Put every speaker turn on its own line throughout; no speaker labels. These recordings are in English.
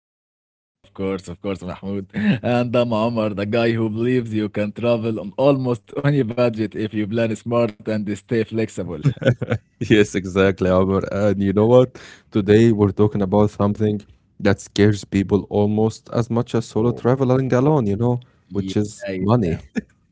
Yeah, yeah, of course, Mahmoud. And I'm Omar, the guy who believes you can travel on almost any budget if you plan smart and stay flexible.
Yes, exactly, Amr. And you know what? Today we're talking about something that scares people almost as much as solo
Oh.
traveling alone, you know,
Yeah,
which is
yeah,
money.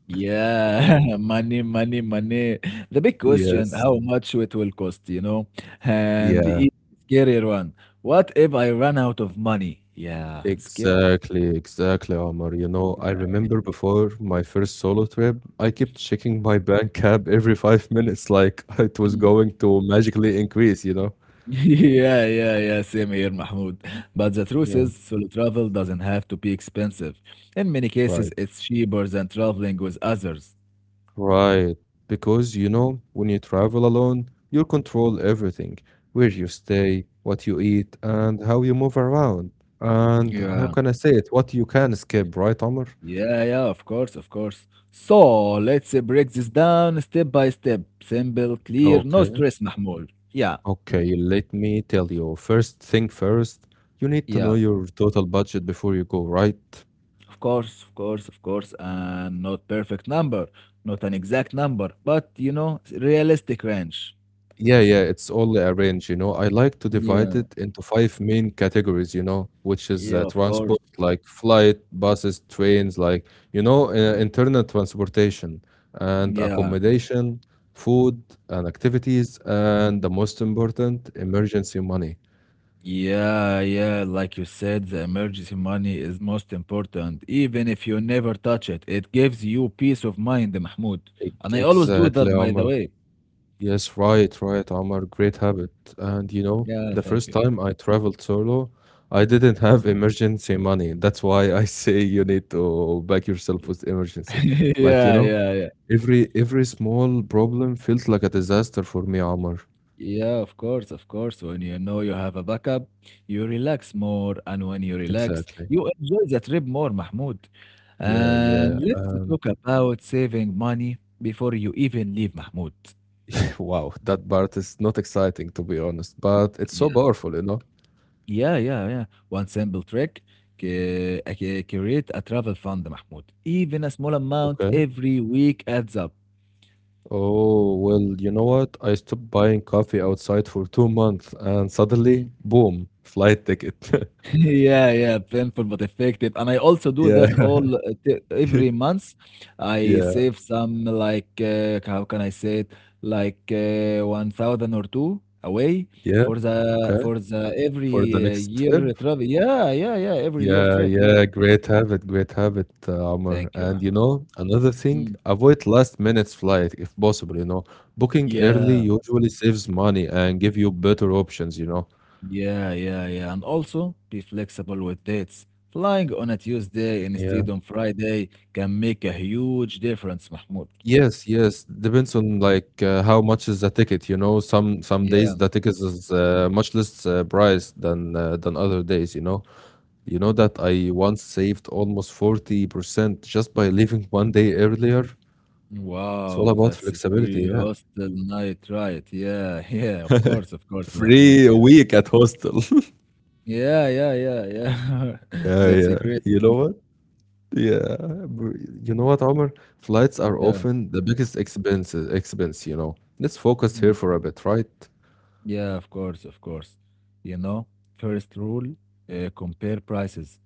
yeah. Money, money, money. The big
Yes.
question, how much it will cost, you know? And the
Yeah.
even scarier one, what if I run out of money? Yeah, scary.
Exactly, exactly, Omar. You know, I remember
Exactly.
before my first solo trip, I kept checking my bank app every five minutes, like it was
Hmm.
going to magically increase, you know?
Yeah, yeah, yeah, same here, Mahmoud. But the truth
Yeah.
is, solo travel doesn't have to be expensive. In many cases,
Right,
it's cheaper than traveling with others.
right. Because, you know, when you travel alone, you control everything, where you stay, what you eat, and how you move around. And how
Yeah.
can I say it? What you can skip, right, Omar?
Yeah, yeah, of course, of course. So let's break this down step by step. Simple, clear, no
Okay.
stress, Mahmoud. Yeah,
Okay, let me tell you. First thing first, you need to know
yeah,
your total budget before you go, right?
of course, of course, of course. And not perfect number, not an exact number, but, realistic range.
Yeah, yeah, it's all a range, you know. I like to divide
Yeah,
it into five main categories, you know, which is
yeah, of course.
transport, like flight, buses, trains, like, you know, internal transportation and
Yeah.
accommodation, food and activities, and the most important, emergency money.
Yeah, yeah, like you said, the emergency money is most important, even if you never touch it. It gives you peace of mind, Mahmoud. And I always do that,
Exactly,
by the
Omar.
way.
Yes, right, right, Omar. Great habit. And you know,
Yeah,
the
thank you.
first time I traveled solo, I didn't have
Mhm.
emergency money. That's why I say you need to back yourself with emergency. Like, you
Yeah,
know,
yeah, yeah.
every small problem felt like a disaster for me, Omar.
Yeah, of course, of course. When you know you have a backup, you relax more. And when you relax,
Exactly.
you enjoy the trip more, Mahmoud.
Yeah, yeah.
And let's
And
talk about saving money before you even leave, Mahmoud.
wow, that part is not exciting to be honest, but it's so
Yeah.
powerful, you know.
Yeah, yeah, yeah. One simple trick create a travel fund, Mahmoud. Even a small amount
Okay.
every week adds up.
Oh, well, you know what? I stopped buying coffee outside for two months and
Hmm.
suddenly, boom, flight ticket.
Yeah, yeah, painful but effective. And I also do that
Yeah,
all every month. I
yeah,
save some, like, how can I say it? Like 1,000 or two away
yeah. Okay.
for the every
For the next trip.
year travel. Yeah, yeah, yeah, every year
Yeah,
trip. Yeah.
yeah. Great habit. Great habit, Amr.
Thank you,
And you
Mahmoud.
know, another thing,
Mm.
avoid last minute flight if possible, you know. Booking early
Yeah.
usually saves money and give you better options, you know.
Yeah, yeah, yeah. And also be flexible with dates. Flying on a Tuesday
Yeah.
instead on Friday can make a huge difference, Mahmoud.
Yes, yes. Depends on like how much is the ticket, you know. Some
Yeah.
days the ticket is much less price than other days, you know. You know that I once saved almost 40% just by leaving one day earlier. It's all
Wow,
about
that's a
flexibility,
free
yeah.
hostel night, right? Yeah, yeah, of course, Mahmoud.
Free a
Yeah.
week at hostel.
Yeah, yeah, yeah, yeah.
Yeah,
That's a
yeah.
great.
You know what? Yeah. br- You know what, Omar? Flights are
Yeah.
often the biggest expense, you know. Let's focus here
Mhm.
for a bit, right?
Yeah, of course, of course. You know, first rule, compare prices.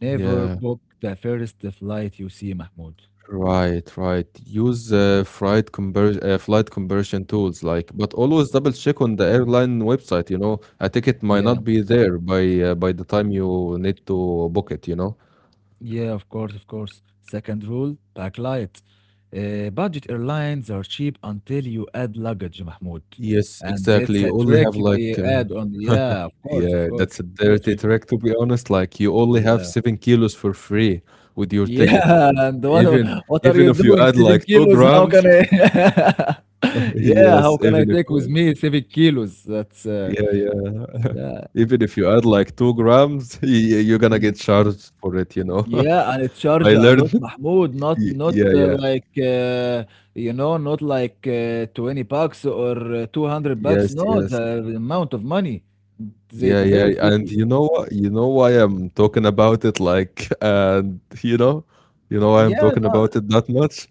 Never
Yeah.
book the first flight you see, Mahmoud.
Right, right. Use flight conversion tools, like, but always double check on the airline website, you know. A ticket might
Yeah.
not be there by the time you need to book it, you know.
Yeah, of course, of course. Second rule, backlight. Budget airlines are cheap until you add luggage, Mahmoud.
Yes,
And
exactly.
that's a
You only have
trick they
like,
add on.
uh,
Yeah, of course, of
yeah,
course.
that's a
Very
dirty
tricky.
trick to be honest. Like, you only have
Yeah.
seven kilos for free with your ticket,
Yeah. And what
even
what are
even
you
if you
doing?
add
Seven
like two
kilos? How can
grams.
I? Yeah,
Yes,
how can I
even if.
take with me 7 kilos? That's
Yeah, yeah.
yeah.
Even if you add like 2 grams, y you're gonna get
Mm.
charged for it, you know?
Yeah, and it
I
charge a
learned
lot, Mahmoud. Not
y
not
yeah, yeah.
like not like 20 bucks or 200 bucks.
Yes,
No,
yes.
the amount of money. It's
Yeah, yeah,
very
and
tricky.
you know what, you know why I'm talking about it, like, and you know, you know why I'm
Yeah,
talking
no,
about it that much?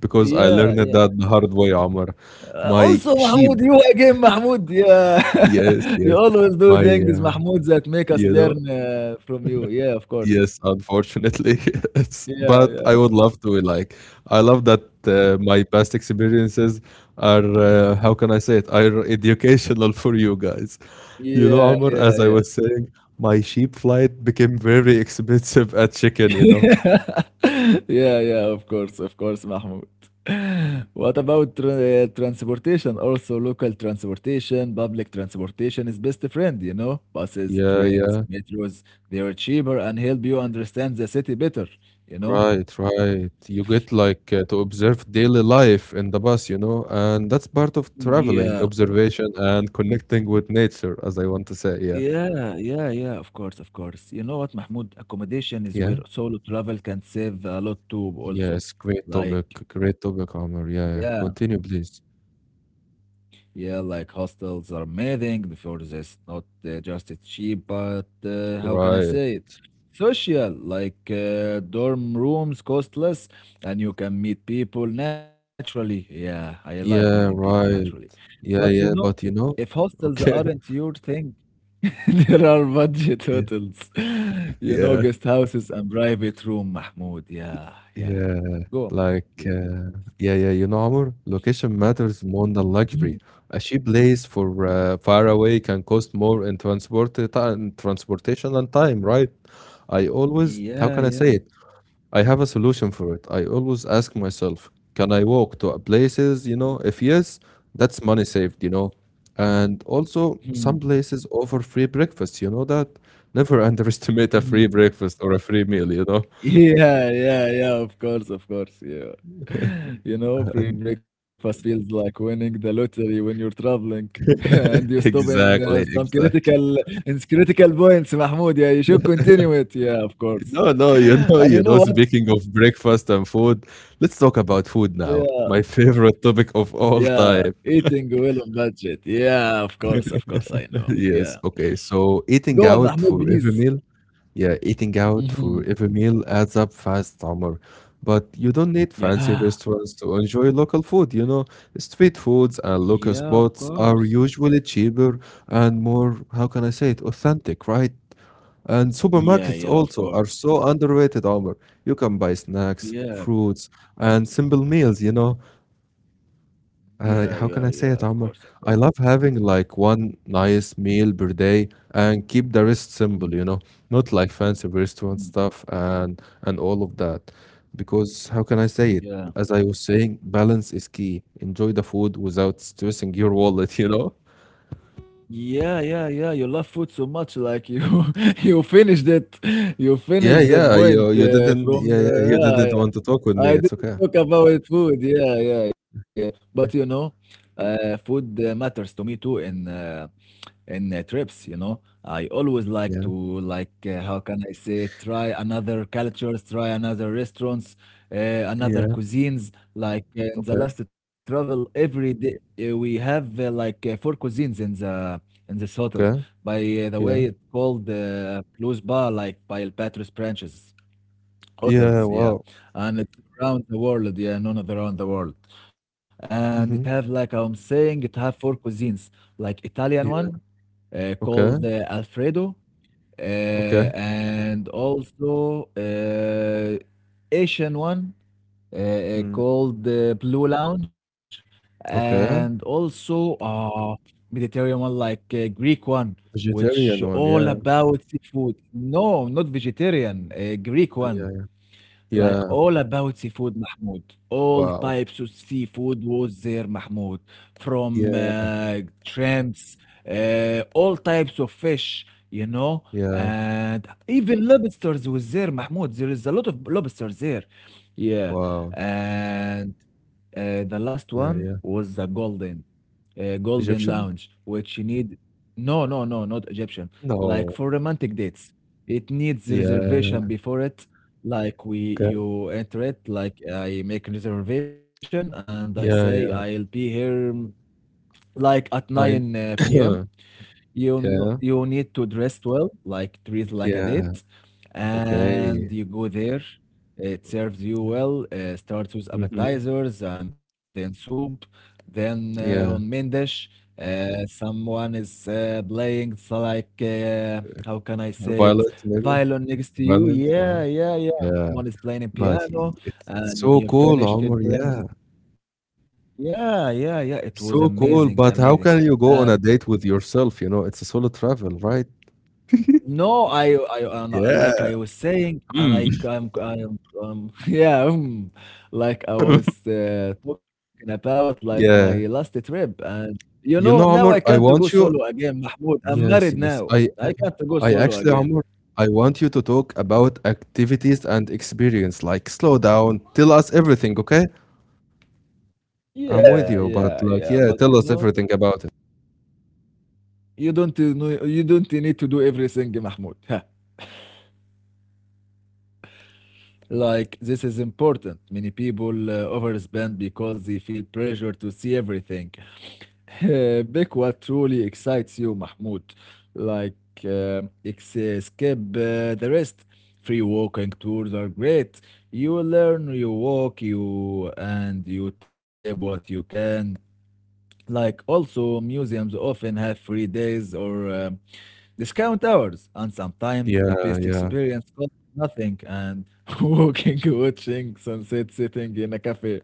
Because I
yeah,
learned it
yeah.
that the hard way, Omar. My
Also,
sheep.
Mahmoud, you again, Mahmoud. Yeah,
Yes,
you
yes.
always do
My,
things, Mahmoud, that make us
you know.
learn from you. Yeah, of course.
Yes, unfortunately, yes,
Yeah,
but
yeah,
I would love to, like, I love that, my past experiences are, how can I say it, are educational for you guys. You know,
yeah,
Amr,
yeah,
as I
yeah.
was saying, my sheep flight became very expensive at chicken, you know?
Yeah, yeah, of course, Mahmoud. What about transportation? Also, local transportation, public transportation is best friend, you know? Buses,
Yeah,
trains,
yeah,
metros, they are cheaper and help you understand the city better, you know?
right, right. You get like to observe daily life in the bus, you know, and that's part of
Yeah,
traveling, observation and connecting with nature, as I want to say, yeah.
yeah, yeah, yeah, of course, of course. You know what, Mahmoud? Accommodation is where
Yeah.
solo travel can save a lot too,
Yes,
also. Like,
great topic, Amr.
yeah.
Yeah, yeah. Continue, please.
Yeah, like hostels are amazing for this. Not just it's cheap, but how can I
Right.
say it? Social, like dorm rooms cost less and you can meet people naturally. Yeah, I like meeting people
Yeah,
naturally.
right.
But you
Yeah,
know,
yeah, but you
if
know,
hostels
okay.
aren't your thing, there are budget
Yeah,
hotels. You know,
yeah,
guest houses and private room, Mahmoud. Yeah, yeah.
yeah.
Go on, Mahmoud,
Like,
please.
yeah, yeah, you know, Amr, location matters more than
Mhm.
luxury. A cheap place for far away can cost more in transport time, transportation and time, right? I always, how
Yeah,
can I
yeah.
say it? I have a solution for it. I always ask myself, can I walk to a places? You know, if yes, that's money saved, you know. And also, some
Mhm,
places offer free breakfast, you know that? Never underestimate a free
mhm.
breakfast or a free meal, you know?
Yeah, yeah, yeah, of course, yeah. You know, free
And-
breakfast feels like winning the lottery when you're traveling and you stop in
exactly,
some
exactly.
critical in critical points, Mahmoud. Yeah, you should continue it. Yeah, of course.
No, no,
And
you
you know
know,
what?
speaking of breakfast and food, let's talk about food now.
Yeah,
My favorite topic of all
yeah,
time.
eating well on budget. Yeah, of course, I know. Yeah.
Yes, okay. So eating
Go on,
out
Mahmoud,
for every
please.
meal. Yeah, eating out for
Mhm.
every meal adds up fast, Omar. But you don't need fancy
Yeah,
restaurants to enjoy local food, you know. Street foods and
yeah,
local
of
spots
course.
are usually cheaper and more, how can I say it, authentic, right? And
Yeah,
supermarkets
yeah, of
also
course.
are so underrated, Omar. You can buy snacks,
Yeah.
fruits, and simple meals, you know.
Yeah, yeah,
How can
yeah.
I
Of
say it,
course, of
Omar?
course.
I love having like one nice meal per day and keep the rest simple, you
Mm,
know, not like fancy restaurant
mhm.
stuff and all of that. Because how can I say it?
Yeah.
As I was saying, balance is key. Enjoy the food without stressing your wallet, you know?
Yeah, yeah, yeah. You love food so much, like you you finished it. You
Yeah,
finished that
yeah,
point
you you didn't
from
yeah, yeah, you
yeah,
didn't
yeah.
want to talk with me.
I
It's
didn't
okay.
talk about food. Yeah, yeah, yeah. But you
Yeah,
know, food matters to me too in trips, you know. I always like to,
yeah,
like how can I say, try another cultures, try another restaurants, uh, another
yeah.
cuisines, like in the
Okay,
last travel every day we have, like four cuisines in the in this hotel,
okay,
by the
yeah.
way. It's called Plus Bar, like by El Patros branches
Yeah,
hotels. Yeah,
wow.
and it's around the world, yeah, known around the world, and it
Mm-hmm.
have, like, I'm saying, it have four cuisines, like Italian
Yeah.
one,
Okay,
called Alfredo,
okay.
and also Asian one,
Mm,
called Blue Lounge, and
okay.
also Mediterranean one, like Greek one, which
Vegetarian one,
all
yeah,
about seafood. No, not vegetarian, Greek one.
yeah,
Like
yeah.
all about seafood, Mahmoud. All
Wow.
types of seafood was there, Mahmoud. From
Yeah,
shrimps, all types of fish, you know,
yeah,
and even lobsters was there, Mahmoud. There is a lot of lobsters there. Yeah.
wow.
And the last
Yeah,
one
yeah.
was the golden, golden
Egyptian?
lounge, which you need. No, no, no, not Egyptian. Like
No.
for romantic dates, it needs
Yeah,
reservation before it. Like we,
okay.
you enter it, like I make a reservation and I say
Yeah,
I'll
yeah.
be here like at 9
I
p.m. You know,
yeah,
you need to dress well, like treat like a
yeah,
date, and
okay.
you go there. It serves you well. Starts with
Mhm.
appetizers and then soup, then on main
Yeah.
dish. Someone is playing how can I say it?
Violet, maybe?
Violin next to you.
Violent, yeah,
Yeah, yeah, yeah.
yeah.
Someone is playing a
But I
piano,
it's
and when
so
you're
cool,
finished, it
Omar,
brings.
yeah.
Yeah, yeah, yeah. It was
So
amazing,
cool, but
amazing.
how can you go on a date with yourself, you know? It's a solo travel, right?
No, I'm not, like
Yeah.
I was saying, and
Mm.
like I'm like I was talking about like my last
Yeah.
trip, and you know,
You
now
know,
I
Omar,
can't to
I
go
want
solo
you.
again, Mahmoud. I'm married
Yes, yes.
now.
I
I
am.
can't to go
I
solo
actually,
again.
Omar, I want you to talk about activities and experience. Like, slow down, tell us everything, okay?
Yeah,
I'm with
yeah,
you, but
yeah. But
like,
you
yeah, tell us everything about it.
know, you don't need to do everything, Mahmoud. Like this is important. Many people overspend because they feel pressure to see everything. Pick what truly excites you, Mahmoud. Like uh, ex- skip the rest. Free walking tours are great. You learn, you walk, you and you tap what you can. Like also, museums often have free days or um, discount hours, and sometimes the
Yeah,
best
yeah,
experience costs nothing. And walking, watching sunset, sitting in a cafe.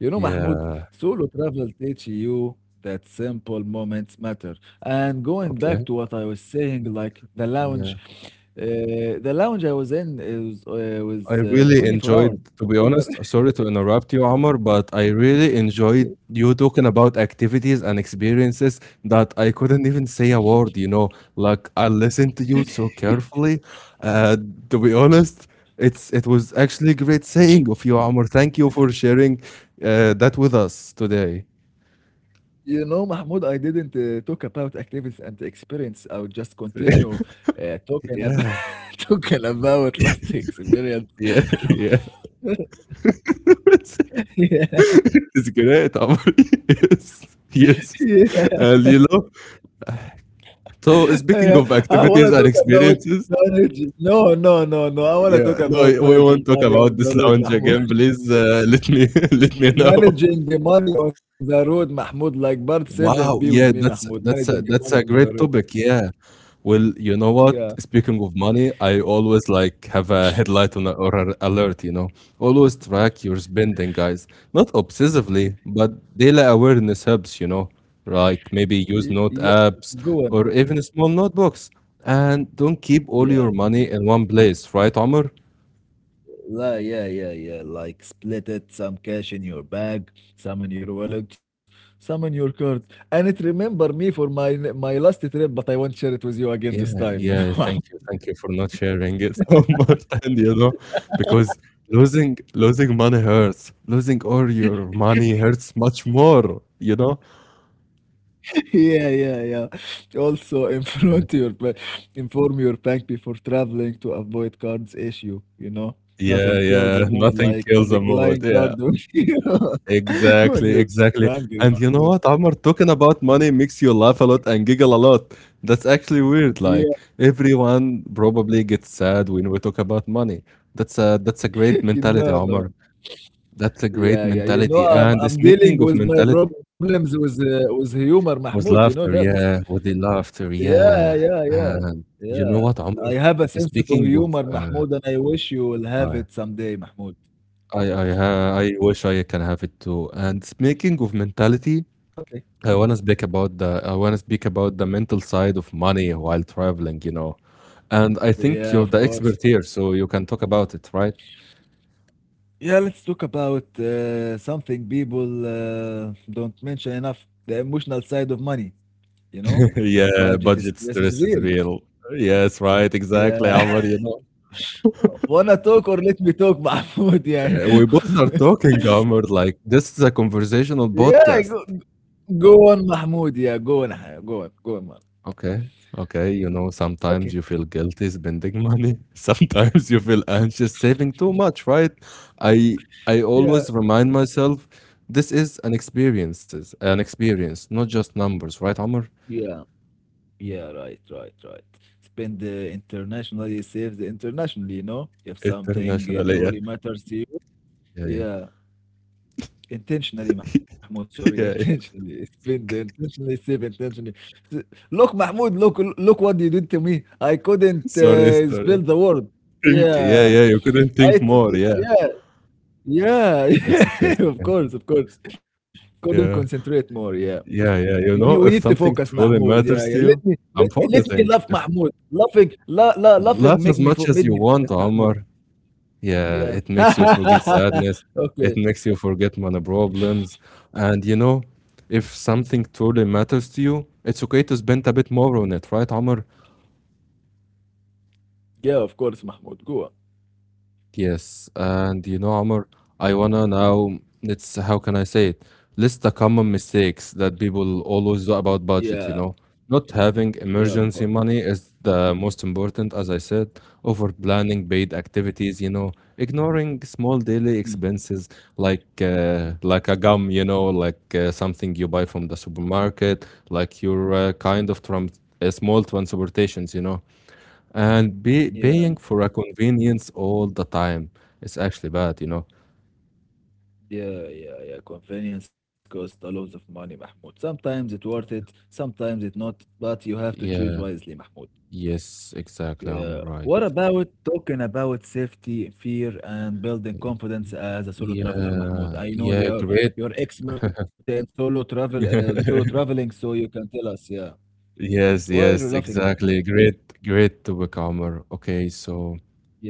You know, Mahmoud,
yeah.
solo travel teach you that simple moments matter. And going back
Okay.
to what I was saying, like
Yeah.
uh, the lounge I was in is
I
was
really
24 hours.
enjoyed, to be
Never-
honest, sorry to interrupt you, Amr, but I really enjoyed you talking about activities and experiences that I couldn't even say a word, you know. Like I listened to you so carefully. Uh, to be honest, it was actually great saying of you, Amr. Thank you for sharing that with us today.
You know, Mahmoud, I didn't talk about activities and experience. I would just continue talking about
Yeah,
talking about last experience.
yeah, yeah.
Yeah,
It's great, Amr. Yes, yes.
yeah.
And you know. So
Yeah,
speaking of
I want to
activities and
talk about
experiences,
managing. No, no, no, no. I want to talk
yeah, no,
about
we
managing
won't talk
money
about
on the
this
road,
lounge
Mahmoud.
again. Please let me let me know.
Managing the money on the road, Mahmoud. Like part seven, be
Wow,
with me,
yeah,
Mahmoud.
that's
Managing the money
that's a
on the
great
road.
topic. Yeah. Well, you know what?
Yeah,
Speaking of money, I always like have a headlight on a, or an alert, you know. Always track your spending, guys. Not obsessively, but daily awareness helps, you know. Like maybe use
Yeah.
note apps
Go on.
or even small notebooks. And don't keep all
Yeah,
your money in one place, right, Omar?
Yeah, yeah, yeah. Like split it, some cash in your bag, some in your wallet, some in your card. And it remember me for my last trip, but I won't share it with you again this
Yeah,
time, you
yeah,
know.
thank you. Thank you for not sharing it so much and you know, because losing money hurts. Losing all your money hurts much more, you know?
Yeah, yeah, yeah. Also, inform your bank before traveling to avoid cards issue. You know,
Yeah,
nothing kills
yeah.
a mood
Nothing
like a
kills a mood.
declined
Yeah.
card when you when
Exactly,
you're
exactly.
hungry,
And
Mahmoud.
you know what, Amr, talking about money makes you laugh a lot and giggle a lot. That's actually weird.
Yeah,
Like everyone probably gets sad when we talk about money. That's a great
you
mentality,
know, no,
Amr. That's a great
yeah, yeah. You know,
mentality.
I'm
And
I'm dealing
speaking of
with my
mentality,
problems with humor, Mahmoud. You
with
know that.
laughter, yeah, with the laughter,
Yeah,
yeah.
yeah, yeah,
And you
yeah.
know what,
I
Amr?
have a sense of
Speaking of,
humor, Mahmoud, and I wish you will have
I,
it someday, Mahmoud.
I, I wish I can have it too. And speaking of mentality,
Okay.
I wanna speak about I wanna speak about the mental side of money while traveling, you know. And I think
Yeah,
you're
of
the expert
course.
here, so you can talk about it, right?
Yeah, let's talk about something people don't mention enough, the emotional side of money, you know?
Yeah,
Budget
budget
stress is
stress is
real.
real. Yes, right, exactly,
Yeah.
Amr, you know.
Wanna talk or let me talk, Mahmoud? Yeah.
We both are talking, Amr, like this is a conversational
Yeah,
podcast.
go, go on, Mahmoud. Yeah, go on. Haya, go on. Go on, man.
Okay, okay. You know, sometimes you feel
Okay.
guilty spending money. Sometimes you feel anxious saving too much, right? I I always
Yeah.
remind myself this is an experience, not just numbers, right, Amr?
Yeah. Yeah, right, right, right. Spend internationally, save the internationally, you know? If something
Internationally, yeah,
truly matters to you.
yeah, yeah,
Yeah. Intentionally, Mahmoud, sorry,
yeah. Yeah.
intentionally spend, intentionally save, intentionally. S- Look, Mahmoud, look, look what you did to me. I couldn't
Sorry, sorry.
spell the word.
Think, yeah,
Yeah,
yeah. You couldn't
I
think more.
did,
Yeah,
yeah, yeah,
it's okay, it's
yeah. Of
okay.
course, of course. Couldn't
Yeah,
concentrate more. Yeah,
yeah,
you
yeah.
need,
You
we need
know,
to
if
focus,
something
Mahmoud.
truly
Yeah, yeah.
matters
Let
to
me,
you,
let
I'm
me, let me
focusing.
laugh,
If,
Mahmoud. Laughing, laughing,
laugh as much as
made
you
me
want,
focus, Mahmoud.
Omar. Yeah,
Yeah.
it makes you forget sadness. It
okay.
makes you forget money problems. And you know, if something truly matters to you, it's okay to spend a bit more on it, right, Amr?
Yeah, of course, Mahmoud. Go on.
Yes, and you know, Amr, I wanna now, it's how can I say it? List the common mistakes that people always do about
Yeah,
budget, you know. Not having
yeah, of
emergency
course.
money is the most important, as I said, over planning paid activities, you know, ignoring small daily
Hmm.
expenses like a gum, you know, like something you buy from the supermarket, like your kind of trans small transportations, you know. And pay,
Yeah,
paying for a convenience all the time, its actually bad, you know?
yeah, yeah, yeah. Convenience costs a lot of money, Mahmoud. Sometimes it's worth it, sometimes it's not, but you have to choose
Yeah,
wisely, Mahmoud.
yes, exactly. I'm all
Yeah.
right.
What about talking about safety, fear, and building
Y-
confidence as a solo traveler, Mahmoud?
Yeah,
I know they
yeah,
are
great.
you're expert in solo travel, solo traveling, so you can tell us. Yeah.
Yes,
Why are you
yes,
laughing, Mahmoud?
exactly. Great, great topic, Amr. Okay, so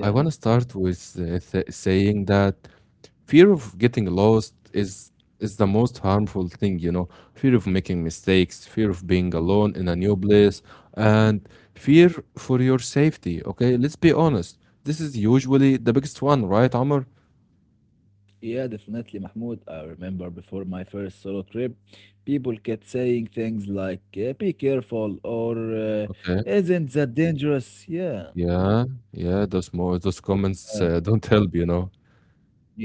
I want to start with th saying that fear of getting lost is the most harmful thing, you know. Fear of making mistakes, fear of being alone in a new place, and fear for your safety. Okay, let's be honest. This is usually the biggest one, right, Amr?
Yeah, definitely, Mahmoud. I remember before my first solo trip, people kept saying things like "Be careful" or
Okay.
"Isn't that dangerous?" Yeah,
Yeah, yeah. Those comments
yeah,
don't help, you know.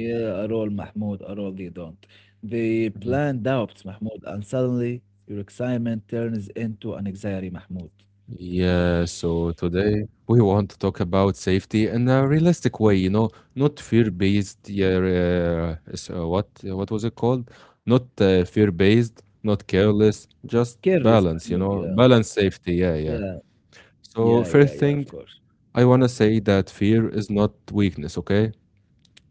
yeah. At all, Mahmoud. At all, they don't. They plant doubts, Mahmoud, and suddenly your excitement turns into an anxiety, Mahmoud.
Yeah, so today we want to talk about safety in a realistic way, you know, not fear-based. Yeah, what was it called? Not fear-based, not careless, just
Careless,
balance,
Mahmoud.
you know,
Yeah,
balance safety. Yeah, yeah.
yeah,
So
yeah,
first
yeah, yeah.
thing,
Of course.
I want to say that fear is not weakness, okay?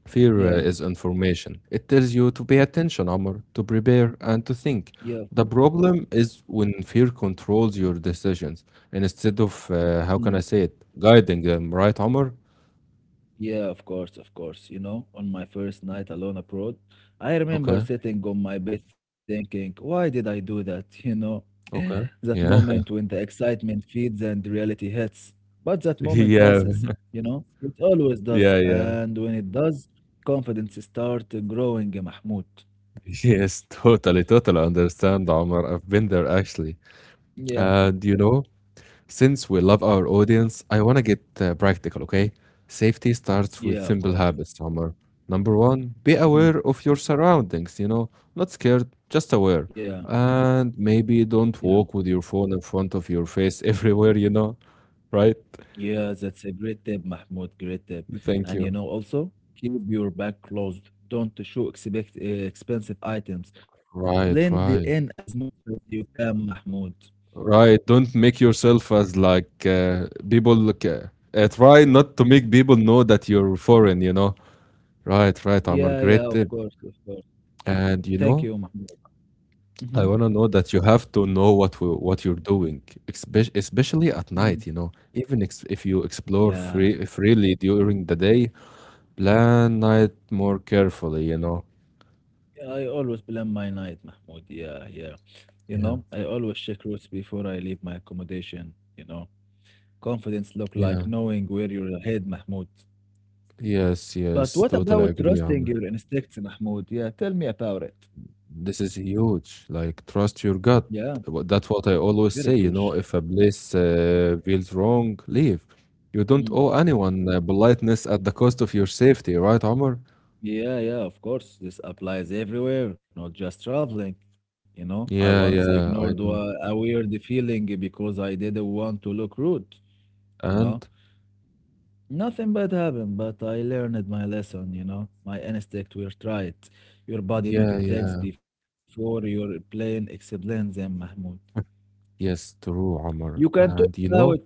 Fear
Yeah,
is information. It tells you to pay attention, Amr, to prepare, and to
yeah,
think.
of course.
The problem is when fear controls your decisions and instead of, how can I
Hmm.
say it, guiding them, right, Amr?
Yeah, of course, of course. You know, on my first night alone abroad, I remember
Okay,
sitting on my bed thinking, why did I do that? You know,
okay.
that
Yeah,
moment when the excitement feeds and reality hits. But that moment
yeah,
passes, you know, it always does.
yeah, yeah.
And when it does, confidence starts growing, Mahmoud.
Yes, totally, totally understand, Omar. I've been there actually.
Yeah,
And since we love our audience, I want to get practical, okay? Safety starts with
yeah, of
simple
course.
habits, Amr. Number one, be
Mm,
aware of your surroundings, you know, not scared, just
yeah,
aware. And maybe
yeah.
don't walk with your phone in front of your face everywhere, you know, right?
Yeah, that's a great tip, Mahmoud. Great tip.
Thank
And you
you.
know, also keep your bag closed. Don't show expensive items. Blend
Right,
in as
right,
much as you can, Mahmoud.
right. Don't make yourself as like people look. Try not to make people know that you're foreign, you know. Right, right, Amr.
Yeah, yeah,
Great
of
tip.
course, of course.
And
Thank you, Mahmoud.
I
Mm-hmm.
want to know that you have to know what you're doing, especially at
Mm.
night, you know. Even ex if you explore
Yeah.
freely during the day, plan night more carefully, you know.
Yeah, I always plan my night, Mahmoud. Yeah, yeah. You
Yeah,
know, I always check routes before I leave my accommodation. You know, confidence look
yeah.
like knowing where you're head, Mahmoud.
Yes,
But
yes,
what
totally
about
agree, Amr.
trusting your instincts, Mahmoud? Yeah, tell me about it.
This is huge. Like, trust your gut.
Yeah,
That's what I always say,
very
you know,
huge.
if a place feels wrong, leave. You don't owe
Mm.
anyone politeness at the cost of your safety, right, Amr?
Yeah, yeah, of course. This applies everywhere, not just traveling. You know, I
Yeah,
once
yeah, I
ignored
know.
wa- a weird feeling because I didn't want to look rude, you
And.
know. Nothing bad happened, but I learned my lesson, you know. My instinct were right. Your body
Yeah,
noted
yeah.
things before your plane explains them, Mahmoud.
Yes, true,
You
Omar.
can talk
And you know,
about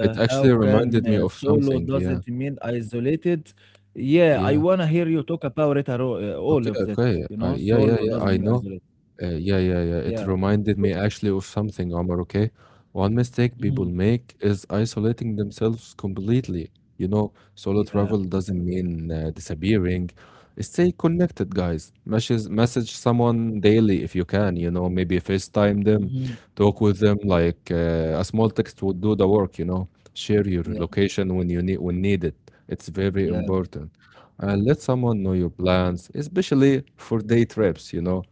it actually
how can
reminded me
uh,
of
solo
something. Yeah,
doesn't mean isolated. Yeah, I
yeah.
wanna hear you talk about it at all
Okay,
of that.
okay.
You know,
Yeah, yeah,
solo
yeah.
doesn't
I
mean
know.
isolated.
Yeah, yeah, yeah. It
Yeah,
reminded me actually of something, Omar, okay? One mistake people
mhm,
make is isolating themselves completely. Solo
yeah,
travel doesn't mean disappearing. Stay connected, guys. Message someone daily if you can, you know, maybe FaceTime them,
mhm,
talk with them, like a small text would do the work, you know. Share your
yeah,
location when needed. It's very
yeah,
important. And let someone know your plans, especially for day trips,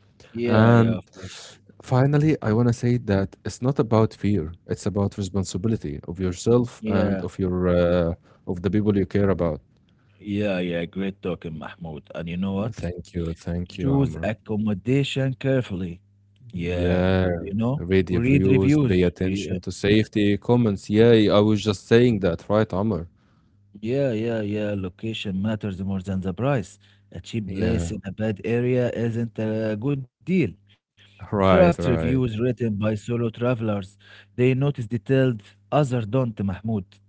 yeah,
and
yeah. Of course.
finally, I want to say that it's not about fear, it's about responsibility of yourself and
Yeah,
of the people you care about.
yeah, yeah. Great talking, Mahmoud. And you know what?
Thank you,
Choose
Amr.
accommodation carefully. Yeah,
Yeah,
you know,
read
read
reviews, pay
reviews. Yeah,
attention to safety comments. Yeah, I was just saying that, right, Amr?
yeah, yeah, yeah. Location matters more than the price. A cheap
Yeah,
place in a bad area isn't a good deal. Trust
right,
reviews
right.
written by solo travelers. They notice detailed, others don't, Mahmoud.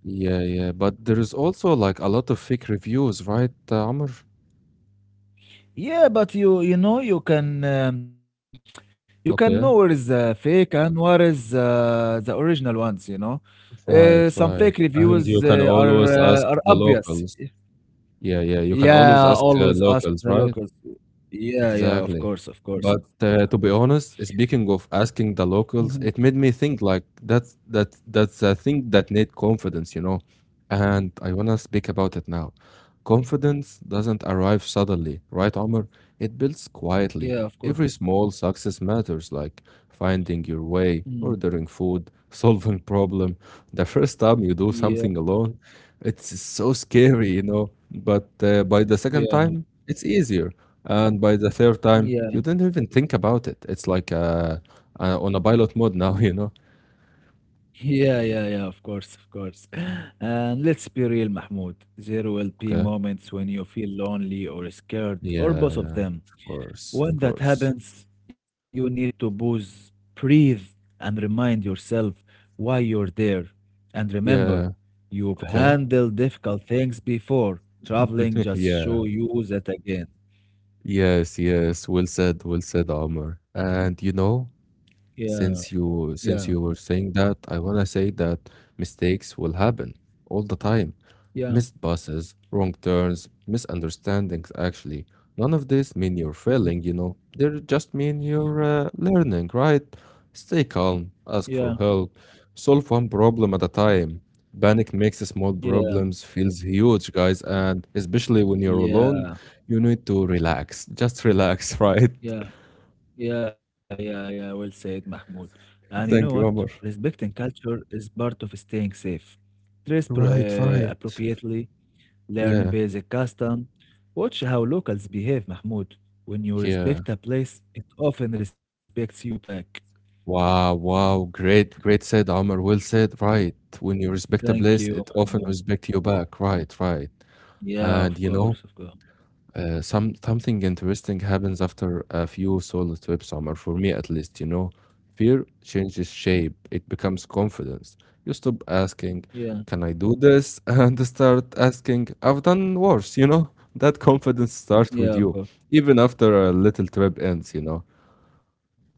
Yeah, yeah. But there is also like a lot of fake reviews, right, Amr?
Yeah, but you know you can
Okay.
know where is the fake and where is the original ones. You know,
Right,
some
right.
fake
And you
reviews
can
uh, are
always ask
uh, are
the
obvious.
locals. Yeah, yeah. You can always
Yeah,
ask
always ask
locals,
the
right?
locals. Yeah, yeah,
Exactly.
of course,
But
Mahmoud.
to be honest, speaking of asking the locals, it made me think like that's a thing that need confidence, you know. And I wanna speak about it now. Confidence doesn't arrive suddenly, right, Omar? It builds quietly.
Yeah, of
Every
course.
small success matters, like finding your
Mm.
way, ordering food, solving problem. The first time you do
Yeah,
something alone, it's so scary, you know. But by the second
yeah,
time, it's easier and by the third time,
yeah,
you didn't even think about it. It's like on a pilot mode now, you know?
yeah, yeah, yeah, of course, of course. And let's be real, Mahmoud. There will be
Okay.
moments when you feel lonely or scared, or both of
Yeah,
them.
of course, of
When that
course.
happens, you need to pause, breathe, and remind yourself why you're there. And remember,
Yeah,
you've
okay.
handled difficult things before. Traveling just
Yeah.
show you that again.
Yes, yes. Well said, Omar. And
Yeah,
Since you
yeah,
since you were saying that, I wanna say that mistakes will happen all the time.
yeah.
Missed buses, wrong turns, misunderstandings actually. None of this mean you're
Mhm,
failing, you know. They just mean you're learning, right? Stay calm,
yeah.
ask for help, solve one problem at a time. Panic makes small
Yeah,
problems feels huge, guys, and especially when you're alone,
yeah,
you need to relax. Just relax, right?
yeah, yeah, yeah, yeah. Well said, Mahmoud. And you know what?
Thank you, Omar.
Respecting culture is part of staying safe. Dress pro
Right, right.
appropriately, learn
Yeah,
basic custom. Watch how locals behave, Mahmoud. When you
yeah.
respect a place, it often respects you back.
Wow, wow. Great, great said, Omar. Well said. Right. When you respect a
Thank
place,
you,
it often
Mahmoud.
respect you back. Right, right.
Yeah,
And
of course, of course.
something interesting happens after a few solo trips, Omar, for me at least, you know. Fear
Mm,
changes shape. It becomes confidence. You stop asking,
yeah,
can I do this? And start asking, I've done worse, you know? That confidence starts
yeah,
with
of
you,
course.
even after a little trip ends, you know.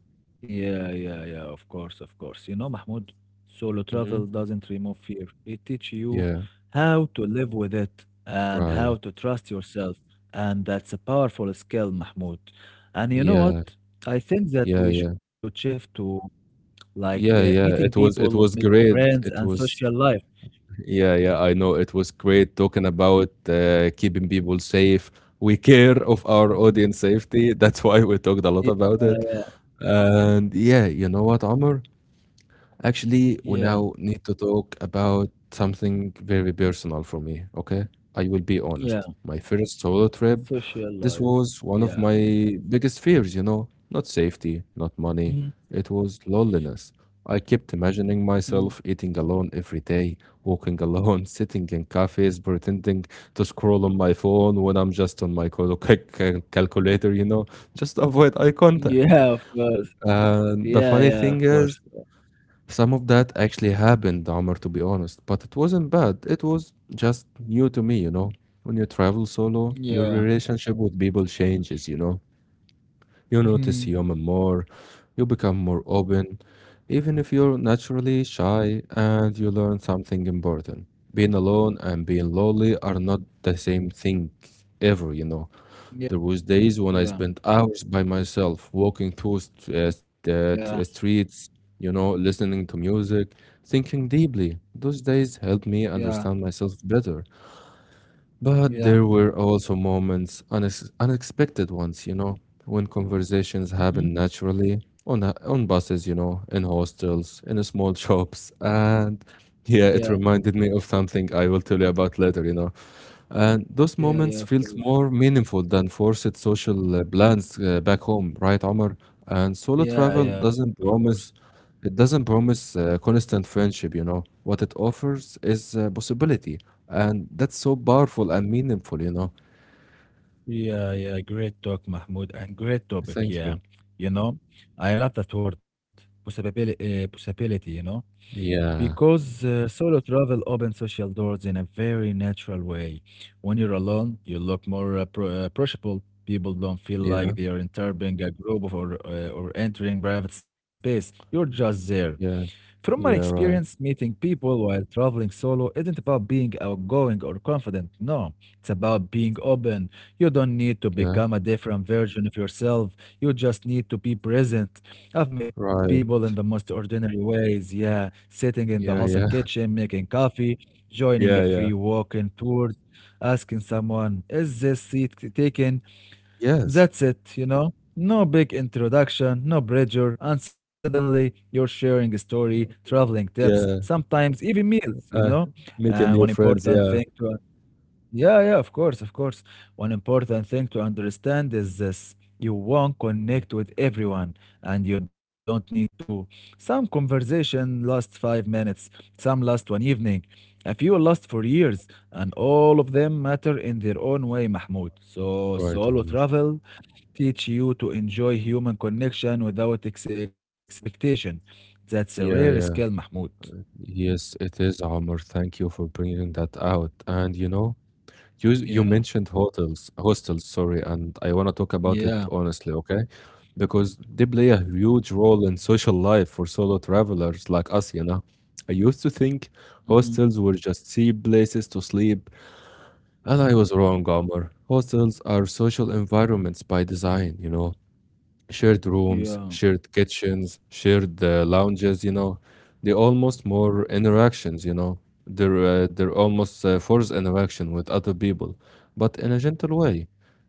Yeah, yeah, yeah, of course, of course. You know, Mahmoud, solo travel
Hmm.
doesn't remove fear. It teaches you
Yeah.
how to live with it and how
Right.
to trust yourself. And that's a powerful skill, Mahmoud. And you know
Yeah,
what? I think that
yeah,
we
yeah,
should shift to like
yeah,
meeting
yeah. It was
people,
it
making
was great.
friends, and
It
social
was
life.
Yeah, yeah. I know it was great talking about keeping people safe. We care of our
Mhm.
audience safety. That's why we talked a lot
Yeah,
about it.
yeah,
And yeah, you know what, Amr? Actually, we
yeah,
now need to talk about something very personal for me, okay? I will be
yeah.
honest. My first solo trip,
Social
this
life.
was one of
Yeah.
my biggest fears, you know? Not safety, not
Mhm.
money. It was loneliness. I kept imagining
Mm.
myself eating alone every day, walking alone, sitting in cafes, pretending to scroll on my phone when I'm just on my calculator, you know, just to avoid eye contact.
Yeah, of course. Yeah,
And the
yeah, of
funny
course.
thing is, some of that actually happened, Omar, to be honest, but it wasn't bad. It was just new to me, you know. When you travel solo, your
Yeah.
relationship with people changes, you know. You notice
Mhm.
human more, you become more open, even if you're naturally shy, and you learn something important. Being alone and being lonely are not the same thing ever, you know.
Yeah,
There was days when I
yeah,
spent hours by myself, walking through
yeah,
streets, you know, listening to music, thinking deeply. Those days helped me
yeah,
understand myself better. But
yeah.
there were also moments, unexpected ones, you know, when conversations
Mhm.
happen naturally on buses, you know, in hostels, in small shops, and yeah,
Yeah,
it reminded me of something I will tell you about later, you know. And those
yeah, yeah,
moments
of
felt
course.
more meaningful than forced social plans back home, right, Omar? And solo
Yeah,
travel
yeah, of
doesn't
course.
promise, it doesn't promise constant friendship, you know. What it offers is possibility, and that's so powerful and meaningful, you know.
Yeah, yeah, great talk, Mahmoud, and great topic.
Thank
Yeah,
you.
you know, I love that word, possibility, possibility, you know,
Yeah,
because solo travel opens social doors in a very natural way. When you're alone, you look more pro approachable. People don't feel
yeah,
like they are entering a group or entering private space. You're just there.
yeah,
From my
yeah,
experience,
right,
meeting people while traveling solo isn't about being outgoing or confident. No, it's about being open. You don't need to
yeah,
become a different version of yourself. You just need to be present. I've met people
right,
in the most ordinary ways. Yeah, sitting in the
yeah,
hostel
yeah,
kitchen, making coffee, joining a
yeah,
free
yeah,
walking tour, asking someone, is this seat taken?
yes,
That's it, you know? No big introduction, no pressure, and suddenly you're sharing a story, traveling tips,
yeah.
sometimes even meals, you
Uh,
know?
Making
And one
new friends,
important
yeah,
thing to yeah, yeah, of course, of course. One important thing to understand is this. You won't connect with everyone and you don't need to. Some conversation lasts 5 minutes, some last one evening, a few last for years, and all of them matter in their own way, Mahmoud. So
right,
solo
Omar.
travel teach you to enjoy human connection without expectation. That's a rare
Yeah,
skill,
yeah.
Mahmoud.
Yes, it is, Omar. Thank you for bringing that out. And you
Yeah,
mentioned hotels, hostels, sorry, and I want to talk about it
yeah,
honestly, okay? Because they play a huge role in social life for solo travelers like us, you know. I used to think
hmm,
hostels were just cheap places to sleep, and I was wrong, Omar. Hostels are social environments by design, shared rooms,
yeah.
shared kitchens, shared lounges, you know, they almost more interactions, you know, they're almost forced interaction with other people, but in a gentle way.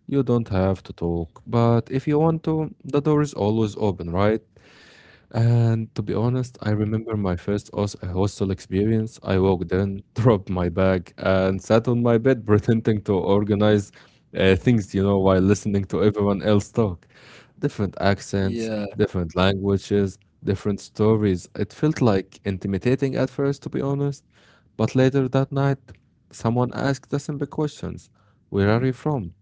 You don't have to talk, but if you want to, the door is always open, right? And to be honest, I remember my first hostel experience. I walked in, dropped my bag, and sat on my bed pretending to organize things, you know, while listening to everyone else talk. Different accents,
Yeah,
different languages, different stories. It felt like intimidating at first, to be honest. But later that night, someone asked us simple questions. Where are you from?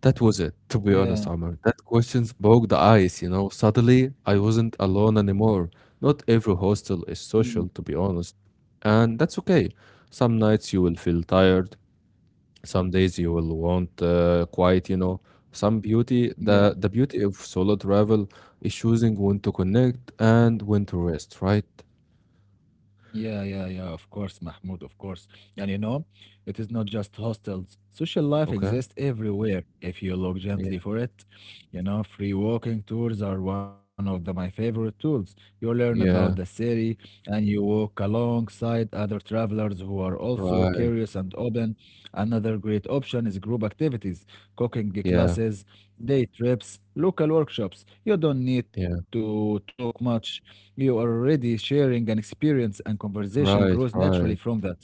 That was it, to be
yeah,
honest, Omar. That questions broke the ice, you know. Suddenly, I wasn't alone anymore. Not every hostel is
mm,
social, to be honest. And that's okay. Some nights you will feel tired. Some days you will want quiet, you know. The
yeah.
beauty of solo travel is choosing when to connect and when to rest, right?
Yeah, yeah, yeah, of course, Mahmoud, of course. And you know, it is not just hostels. Social life
Okay?
exists everywhere if you look
Yeah.
gently for it. You know, free walking tours are one of the, my favorite tools. You learn about
Yeah.
the city and you walk alongside other travelers who are also
Right.
curious and open. Another great option is group activities, cooking
Yeah.
classes, day trips, local workshops. You don't
Yeah.
need to talk much. You are already sharing an experience and conversation
Right.
grows naturally
Right.
from that.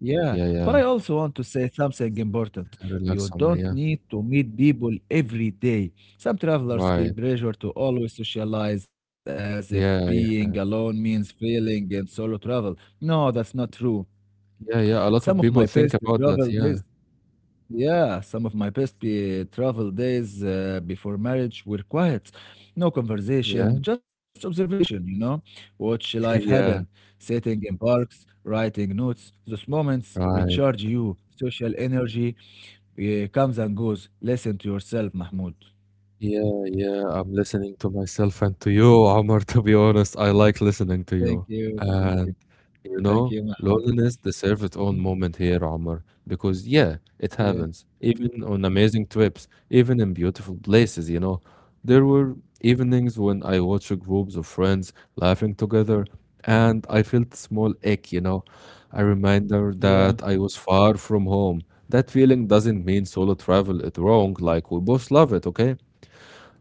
Yeah,
Yeah.
but
Yeah.
I also want to say something important. You
Relax, Omar.
don't
Yeah.
need to meet people every day. Some travelers feel
Right.
pressure to always socialize as if
Yeah. Yeah.
being alone means failing in solo travel. No, that's not true.
Yeah, yeah, a lot of
Some of
people
my
think
best
about that,
travel
yeah.
days yeah, some of my best be travel days before marriage were quiet. No
Yeah,
conversation, just observation, you know? Watch life happen,
yeah,
sitting in parks, writing notes. Those moments
right.
recharge you. Social energy comes and goes. Listen to yourself, Mahmoud.
Yeah, yeah, I'm listening to myself and to you, Omar, to be honest. I like listening
Thank
to you.
you, thank you,
And. You
thank you,
know,
Mahmoud.
loneliness deserves its own
Mhm.
moment here, Omar, because yeah, it
Yeah,
happens. Even on amazing trips, even in beautiful places, you know. There were evenings when I watched groups of friends laughing together and I felt small ache, you know, a reminder
yeah,
that I was far from home. That feeling doesn't mean solo travel is wrong, like we both love it, okay?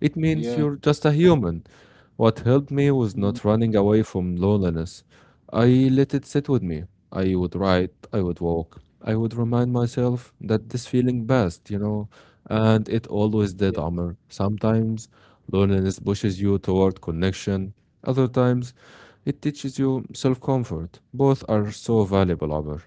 It means
yeah.
you're just a human. What helped me was not
Mm,
running away from loneliness. I let it sit with me. I would write, I would walk, I would remind myself that this feeling passed, you know, and it always did,
yeah.
Amr. Sometimes loneliness pushes you toward connection, other times it teaches you self comfort. Both are so valuable, Amr.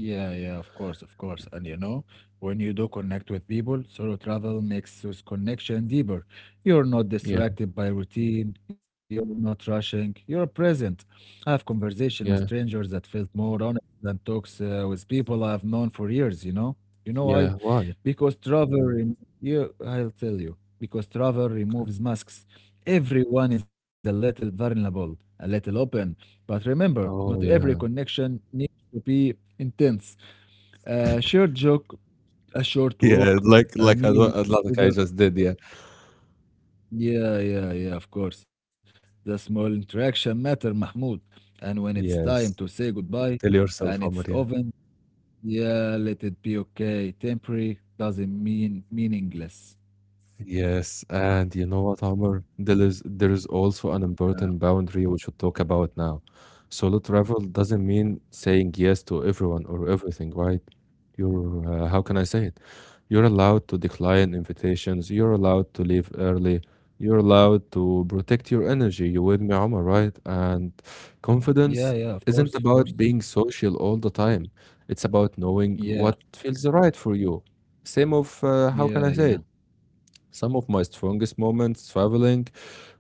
Yeah, yeah, of course, of course. And you know, when you do connect with people, solo travel makes this connection deeper. You're not
Yeah,
distracted by routine, you're not rushing, you're present. I have conversation with
yeah,
strangers that felt more honest than talks with people I've known for years, you know? You know why?
yeah. Why?
Because travel, rem- you, I'll tell you, because travel removes masks. Everyone is a little vulnerable, a little open. But remember, not
Oh,
every
yeah.
connection needs to be intense. A shared joke, a short
Yeah,
walk,
like
a
like
meal
like I
together.
just did, yeah.
Yeah, yeah, yeah, of course. The small interaction matter, Mahmoud. And when it's time to
Yes.
say goodbye,
Tell
and
yourself,
it's
Amor, yeah.
often, yeah, let it be okay. Temporary doesn't mean meaningless.
Yes, and you know what, Omar? There is also an
Yeah,
important boundary we should talk about now. Solo travel doesn't mean saying yes to everyone or everything, right? You're how can I say it? You're allowed to decline invitations. You're allowed to leave early. You're allowed to protect your energy. You with me, Omar, right? And
yeah, yeah,
confidence
of course, of
isn't
course.
about being social all the time. It's about knowing
Yeah,
what feels right for you. Same of how can I
yeah,
say
yeah.
it? Some of my strongest moments traveling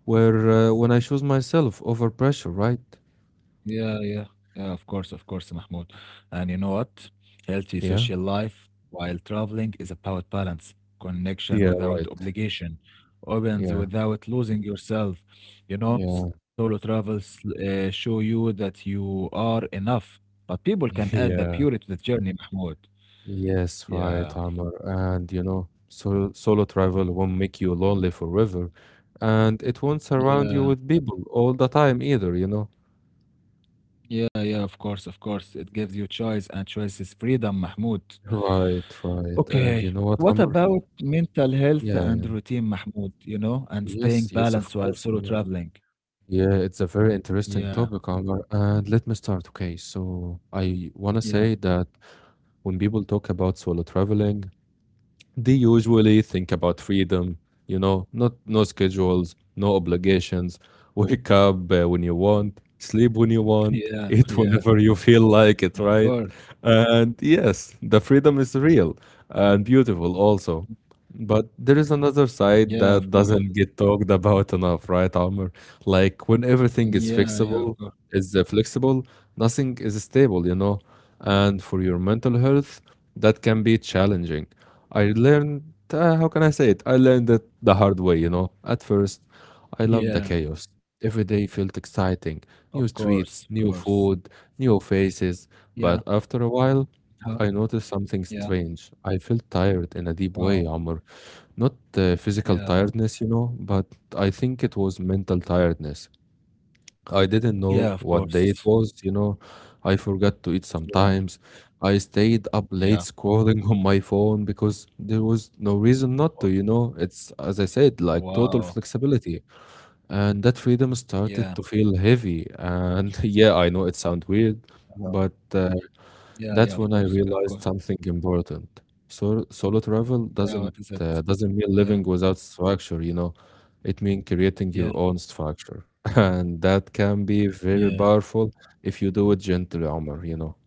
were when I chose myself over pressure, right?
Yeah, yeah, yeah, of course, Mahmoud. And you know what? Healthy
Yeah.
social life while traveling is about balance, connection
Yeah,
without
right.
obligation, opens
Yeah.
without losing yourself. You know,
Yeah.
solo travels show you that you are enough, but people can add the
Yeah.
purity to the journey, Mahmoud.
Yes, right,
Yeah,
Amr. And you know, solo travel won't make you lonely forever. And it won't surround you
yeah,
with people all the time either, you know?
yeah, yeah, of course, of course. It gives you choice and choice is freedom, Mahmoud.
Right, right. And you
Okay.
know what,
What
Amr?
about mental health and
Yeah.
routine, Mahmoud, you know, and staying
Yes, yes, of
balanced while
course,
solo
Amr.
traveling?
Yeah, it's a very
Yeah,
interesting topic, Amr. And let me start. Okay, so I want to
yeah,
say that when people talk about solo traveling, they usually think about freedom, you know, not no schedules, no obligations, wake up when you want, sleep when you
yeah,
want,
yeah,
eat whenever you feel like
of
it,
course.
right? And yes, the freedom is real and beautiful also. But there is another side
Yeah,
that
of course.
doesn't get talked about enough, right, Amr? Like when everything
Yeah,
is
yeah, of course.
fixable, is flexible, nothing is stable, you know? And for your mental health, that can be challenging. I learned, how can I say it? I learned it the hard way, you know? At first, I loved the
Yeah,
chaos. Every day felt exciting.
of
New
course, of
streets,
course.
new food, new faces.
Yeah,
But after a while,
huh?
I noticed something
Yeah,
strange. I felt tired in a deep way,
wow.
Amr. Not physical
Yeah,
tiredness, you know, but I think it was mental tiredness. I didn't
yeah,
know
of
what day it
course.
was, you know. I forgot to eat
Yeah,
sometimes. I stayed up late
yeah.
scrolling on my phone because there was no reason not
Wa-
to, you know. It's, as I said, like total
wow.
flexibility. And that freedom
Yeah,
started to feel heavy. And yeah, I know it sounds weird,
uh,
but
yeah, yeah, of
that's when
course,
I
of course.
realized something important. So, solo travel
Yeah,
doesn't
what is it?
uh, doesn't mean
Yeah,
living without structure, you know. It means creating
yeah,
your own structure, and that can be
yeah.
very powerful if you do it gently, Omar, you know.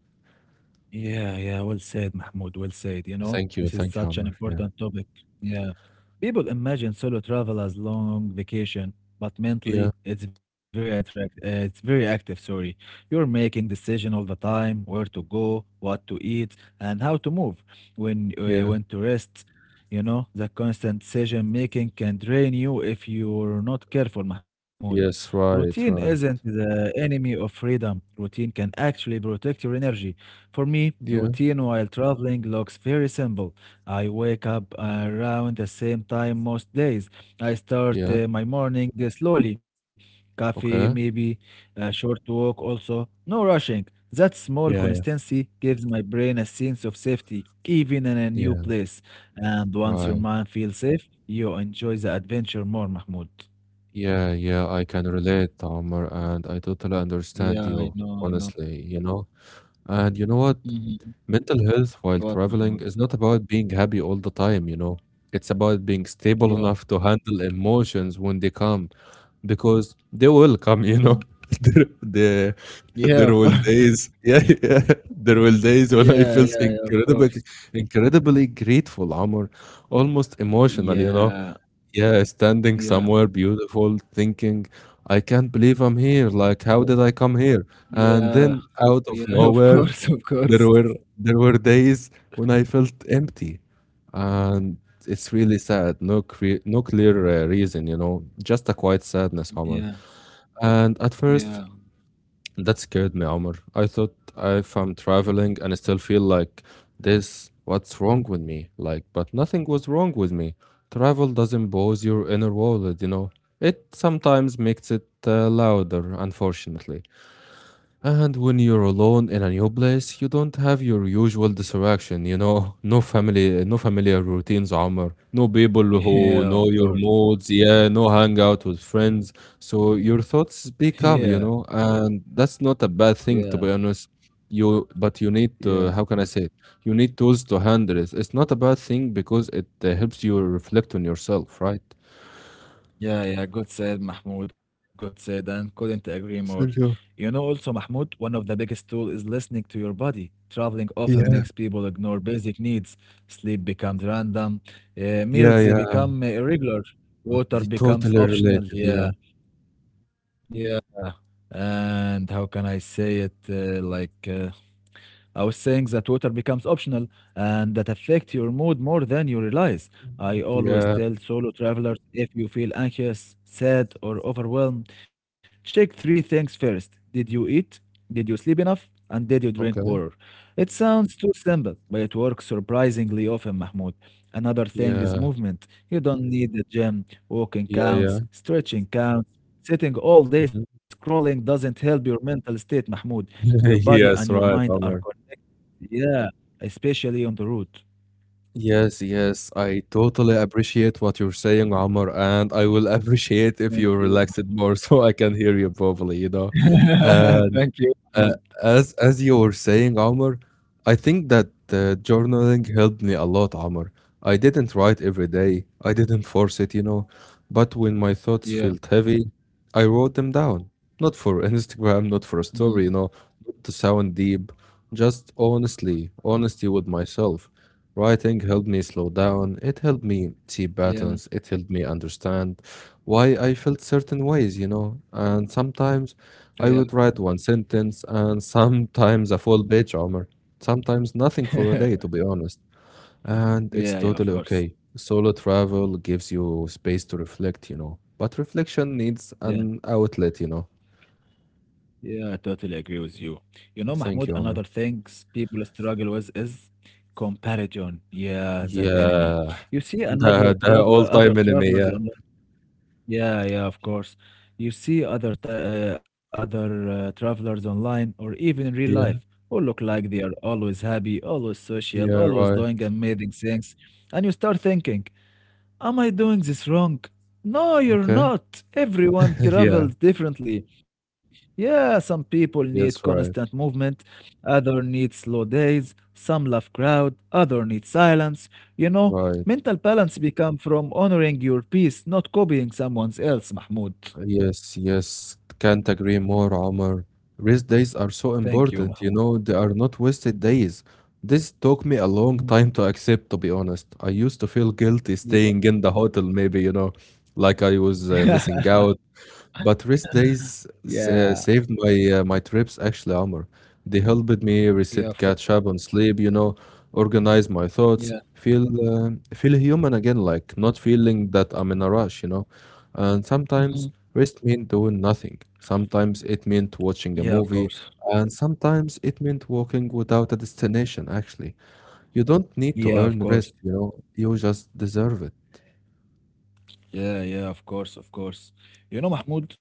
Yeah, yeah, well said, Mahmoud. Well said. You know, this is
Thank you,
such an
Omar. Yeah,
important topic. Yeah. People imagine solo travel as long vacation, but
yeah,
mentally it's very active, sorry. You're making decision all the time, where to go, what to eat, and how to move,
yeah.
when to rest. You know, the constant decision making can drain you if you're not careful, Mahmoud.
Yes,
Routine
right,
isn't
right.
the enemy of freedom. Routine can actually protect your energy. For me,
Yeah,
routine while traveling looks very simple. I wake up around the same time most days. I start
yeah.
my morning slowly. Coffee,
Okay.
maybe a short walk also. No rushing. That small
Yeah, yeah.
consistency gives my brain a sense of safety, even in a new
Yeah,
place. And once your
right.
mind feels safe, you enjoy the adventure more, Mahmoud.
Yeah, yeah, I can relate, Omar, and I totally
Yeah,
understand
I
you,
know, I know.
honestly, you know. And you know what?
Mhm.
Mental health while
What,
traveling
Mahmoud?
is not about being happy all the time, you know. It's about being stable
Yeah.
enough to handle emotions when they come because they will
Mm.
come, you know. there, there,
Yeah, of course.
there will days, yeah, yeah, there will days when I
Yeah,
felt
yeah, yeah, of course.
incredibly grateful, Amr, almost emotional, you know.
Yeah,
Yeah, standing
yeah,
somewhere beautiful, thinking, I can't believe I'm here.
well,
Like, how did I come here? And
yeah,
then out
yeah,
of
of
nowhere,
course, of
there
course.
were there were days when I felt empty, and it's really sad. No clear reason, you know, just a quiet sadness, Omar.
Yeah,
And at first,
yeah,
that scared me, Omar. I thought if I'm traveling and I still feel like this, what's wrong with me? Like, but nothing was wrong with me. Travel doesn't pose your inner world, you know. It sometimes makes it louder, unfortunately. And when you're alone in a new place, you don't have your usual distraction, you know, no family, no familiar routines, Omar, no people who
yeah,
know
of
your
course.
moods, yeah, no hangout with friends. So your thoughts speak
Yeah,
up, you know, and that's not a bad
yeah,
thing to be honest. But you need
yeah,
to, how can I say it? You need tools to handle it. It's not a bad thing because it helps you reflect on yourself, right?
yeah, yeah. Good said, Mahmoud. Good said, and couldn't agree more. You
Sergio,
know, also, Mahmoud, one of the biggest tool is listening to your body. Traveling often
yeah.
makes people ignore basic needs. Sleep becomes random,
Yeah,
meals
yeah,
become irregular, water
you
becomes
totally
optional.
related, yeah.
Yeah, yeah. And how can I say it? Like, I was saying that water becomes optional and that affects your mood more than you realize. I
Mhm.
always
Yeah.
tell solo travelers if you feel anxious, sad, or overwhelmed, check three things first. Did you eat? Did you sleep enough? And did you drink
Okay.
water? It sounds too simple, but it works surprisingly often, Mahmoud. Another thing is
Yeah,
movement. You don't need the gym. Walking
yeah, yeah.
counts, stretching counts. Sitting all day
Mhm.
scrolling doesn't help your mental state, Mahmoud. Your body and
Yes,
your
right,
mind are
Omar.
yeah, especially on the road.
Yes, yes, I totally appreciate what you're saying, Omar, and I will appreciate if you
Thank
relax it
you.
more so I can hear you properly, you know. Uh,
Thank you,
Uh,
Mahmoud.
as you were saying, Omar, I think that journaling helped me a lot, Omar. I didn't write every day. I didn't force it, you know. But when my thoughts felt
Yeah.
heavy, I wrote them down. Not for Instagram, not for a story, you
Mhm.
know, not to sound deep, just honestly, honesty with myself. Writing helped me slow down. It helped me see patterns. It
Yeah.
helped me understand why I felt certain ways, you know. And sometimes
Oh,
I
Yeah.
would write one sentence and sometimes a full page, Omar. Sometimes nothing for a day, to be honest. And it's totally
Yeah, yeah, of
okay.
course.
Solo travel gives you space to reflect, you know. But reflection needs an
Yeah.
outlet, you know.
Yeah, I totally agree with you. You know,
Thank
Mahmoud,
you, Omar.
another things people struggle with is comparison. Yeah, that enemy.
Yeah.
You see another
The
traveler, other
all-time enemy,
travelers.
yeah.
Yeah, yeah, of course. You see other travelers online or even in real life
Yeah.
who look like they are always happy, always social,
Yeah,
always
right.
doing amazing things, and you start thinking, "Am I doing this wrong?" No, you're
Okay.
not. Everyone
Yeah.
travels differently. Yeah, some people need
Yes,
constant
right.
movement, other need slow days, some love crowd, other need silence. You know,
Right.
mental balance become from honoring your peace, not copying someone else, Mahmoud.
Yes, yes, can't agree more, Omar. Rest days are so
Thank you,
important,
Mahmoud.
you know, they are not wasted days. This took me a long
Mm,
time to accept, to be honest. I used to feel guilty
Yeah.
staying in the hotel, maybe, you know, like I was missing out but
Yeah,
saved my trips actually, Amr. They helped me
yeah, of
reset,
course.
catch up on sleep, you know, organize my thoughts,
Yeah.
feel human again, like not feeling that I'm in a rush, you know. And sometimes
Mhm.
rest meant doing nothing. Sometimes it meant
Yeah, of
watching a
course.
movie, and sometimes it meant walking without a destination, actually. You don't need
Yeah,
to
of
earn
course.
rest, you know. You just deserve it.
Yeah, yeah, of course, of course. You know, Mahmoud,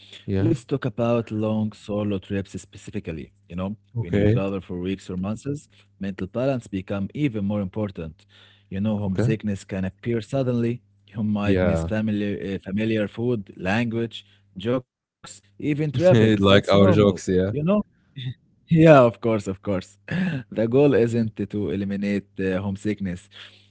let's
Yeah.
talk about long solo trips specifically. You know, when you travel
Okay.
for weeks or months, mental balance become even more important. You know,
Okay.
homesickness can appear suddenly. You might miss
Yeah.
familiar food, language, jokes, even traffic. That's
Like
normal.
our jokes,
You know?
yeah.
Yeah, of course, of course. The goal isn't to eliminate homesickness.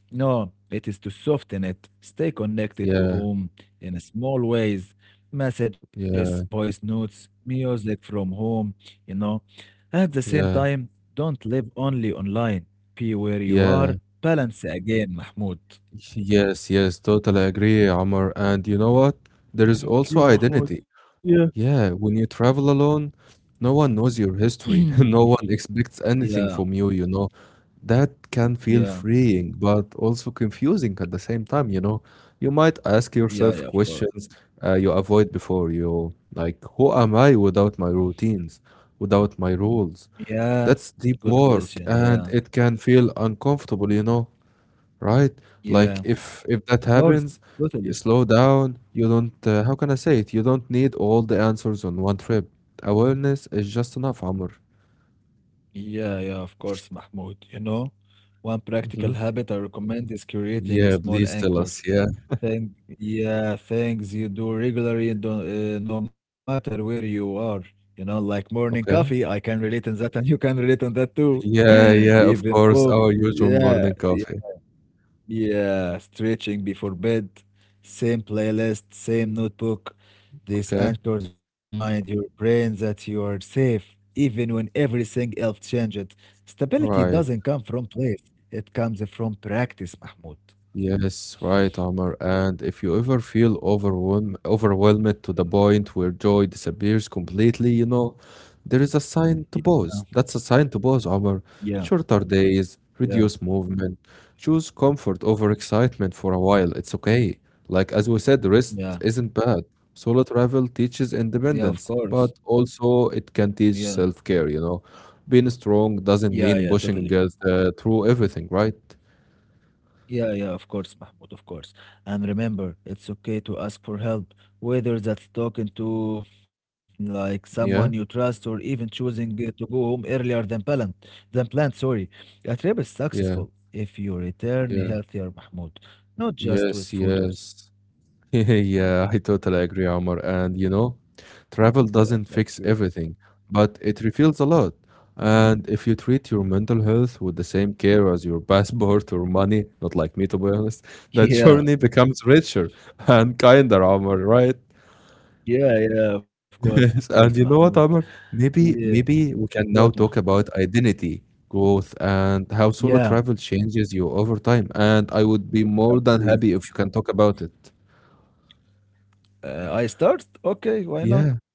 No, it is to soften it. Stay connected to
Yeah,
home in small ways, messages,
yeah,
voice notes, music from home, you know. At the same
yeah,
time, don't live only online. Be where you
yeah.
are. Balance again, Mahmoud.
Yes, yes, totally agree, Omar. And you know what? There is
Thank
also
you, Mahmoud.
identity.
Yeah.
Yeah, when you travel alone, no one knows your history. No one expects anything
Yeah,
from you, you know. That can feel
yeah,
freeing, but also confusing at the same time, you know. You might ask
yeah,
yourself
yeah, of course.
questions you avoid before you, like, who am I without my routines, without my rules?
Yeah,
That's deep
good
work,
question.
and
Yeah,
it can feel uncomfortable, you know, right?
yeah,
Like if that
of course,
happens, you
totally.
slow down. You don't, how can I say it? You don't need all the answers on one trip. Awareness is just enough, Amr.
Yeah, yeah, of course, Mahmoud. You know, one practical
Hmm.
habit I recommend is creating
Yeah,
small
please tell
anchors.
us. Yeah.
Thing, yeah, things you do regularly, do, no matter where you are. You know, like morning coffee, I
Okay.
can relate on that, and you can relate on that too.
Yeah, yeah, of
Even
course,
walk.
our usual
Yeah,
morning coffee.
yeah, stretching before bed, same playlist, same notebook. This
Okay,
anchors mind your brain that you are safe, even when everything else changes. Stability
right.
doesn't come from place, it comes from practice, Mahmoud.
Yes, right, Omar. And if you ever feel overwhelmed to the point where joy disappears completely, you know, there is a
Yeah,
sign to pause. That's a sign to pause, Omar.
yeah,
Shorter days,
yeah,
reduce movement, choose comfort over excitement for a while. It's okay. Like as we said, rest
yeah,
isn't bad. Solo travel teaches
yeah, of
independence,
course.
but also it can
Yeah,
teach self-care, you know. Being strong
yeah,
doesn't
yeah,
mean
totally.
pushing through everything, right?
Yeah, yeah, of course, Mahmoud, of course. And remember, it's okay to ask for help, whether that's talking to like someone you
Yeah,
trust or even choosing to go home earlier than planned, sorry. A trip is
yeah.
successful if you return
Yeah.
healthier, Mahmoud, not just with
Yes,
photos.
yes. Yeah, I totally agree, Omar. And you know,
Yeah,
travel
thank
doesn't
you.
fix everything, but it reveals a lot. And if you treat your mental health with the same care as your passport or money, not like me to be honest, that
Yeah,
journey becomes richer and kinder, Omar, right?
yeah, yeah, of course,
Yes, and
Mahmoud.
you know what, Amr?
Yeah,
Maybe we
what,
can
Mahmoud?
now talk about identity, growth, and how
Yeah,
solo travel changes you over time. And I would
yeah,
be more than
please.
happy if you can talk about it.
I start? Okay, why
Yeah.
not?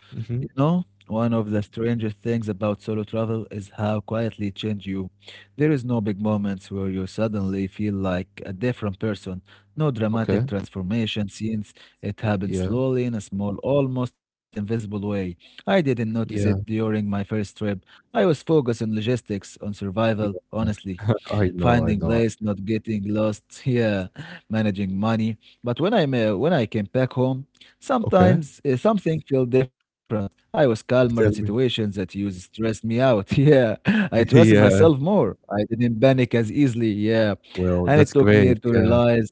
You
Mhm.
know, one of the strangest things about solo travel is how quietly it changes you. There is no big moments where you suddenly feel like a different person. No dramatic
Okay.
transformation scenes. It happens
Yeah.
slowly in a small, almost invisible way. I didn't notice it
Yeah.
during my first trip. I was focused on logistics, on survival,
Yeah.
honestly
I know. I
finding
know.
place, not getting lost here, managing money. But when when I came back home,
Okay.
sometimes something felt different. I was calmer in
Tell me.
situations that used to stress me out. Yeah, I trusted myself
Yeah.
more. I didn't panic as easily. Yeah,
Well,
and it
that's
took me
great.
to
Yeah.
realize.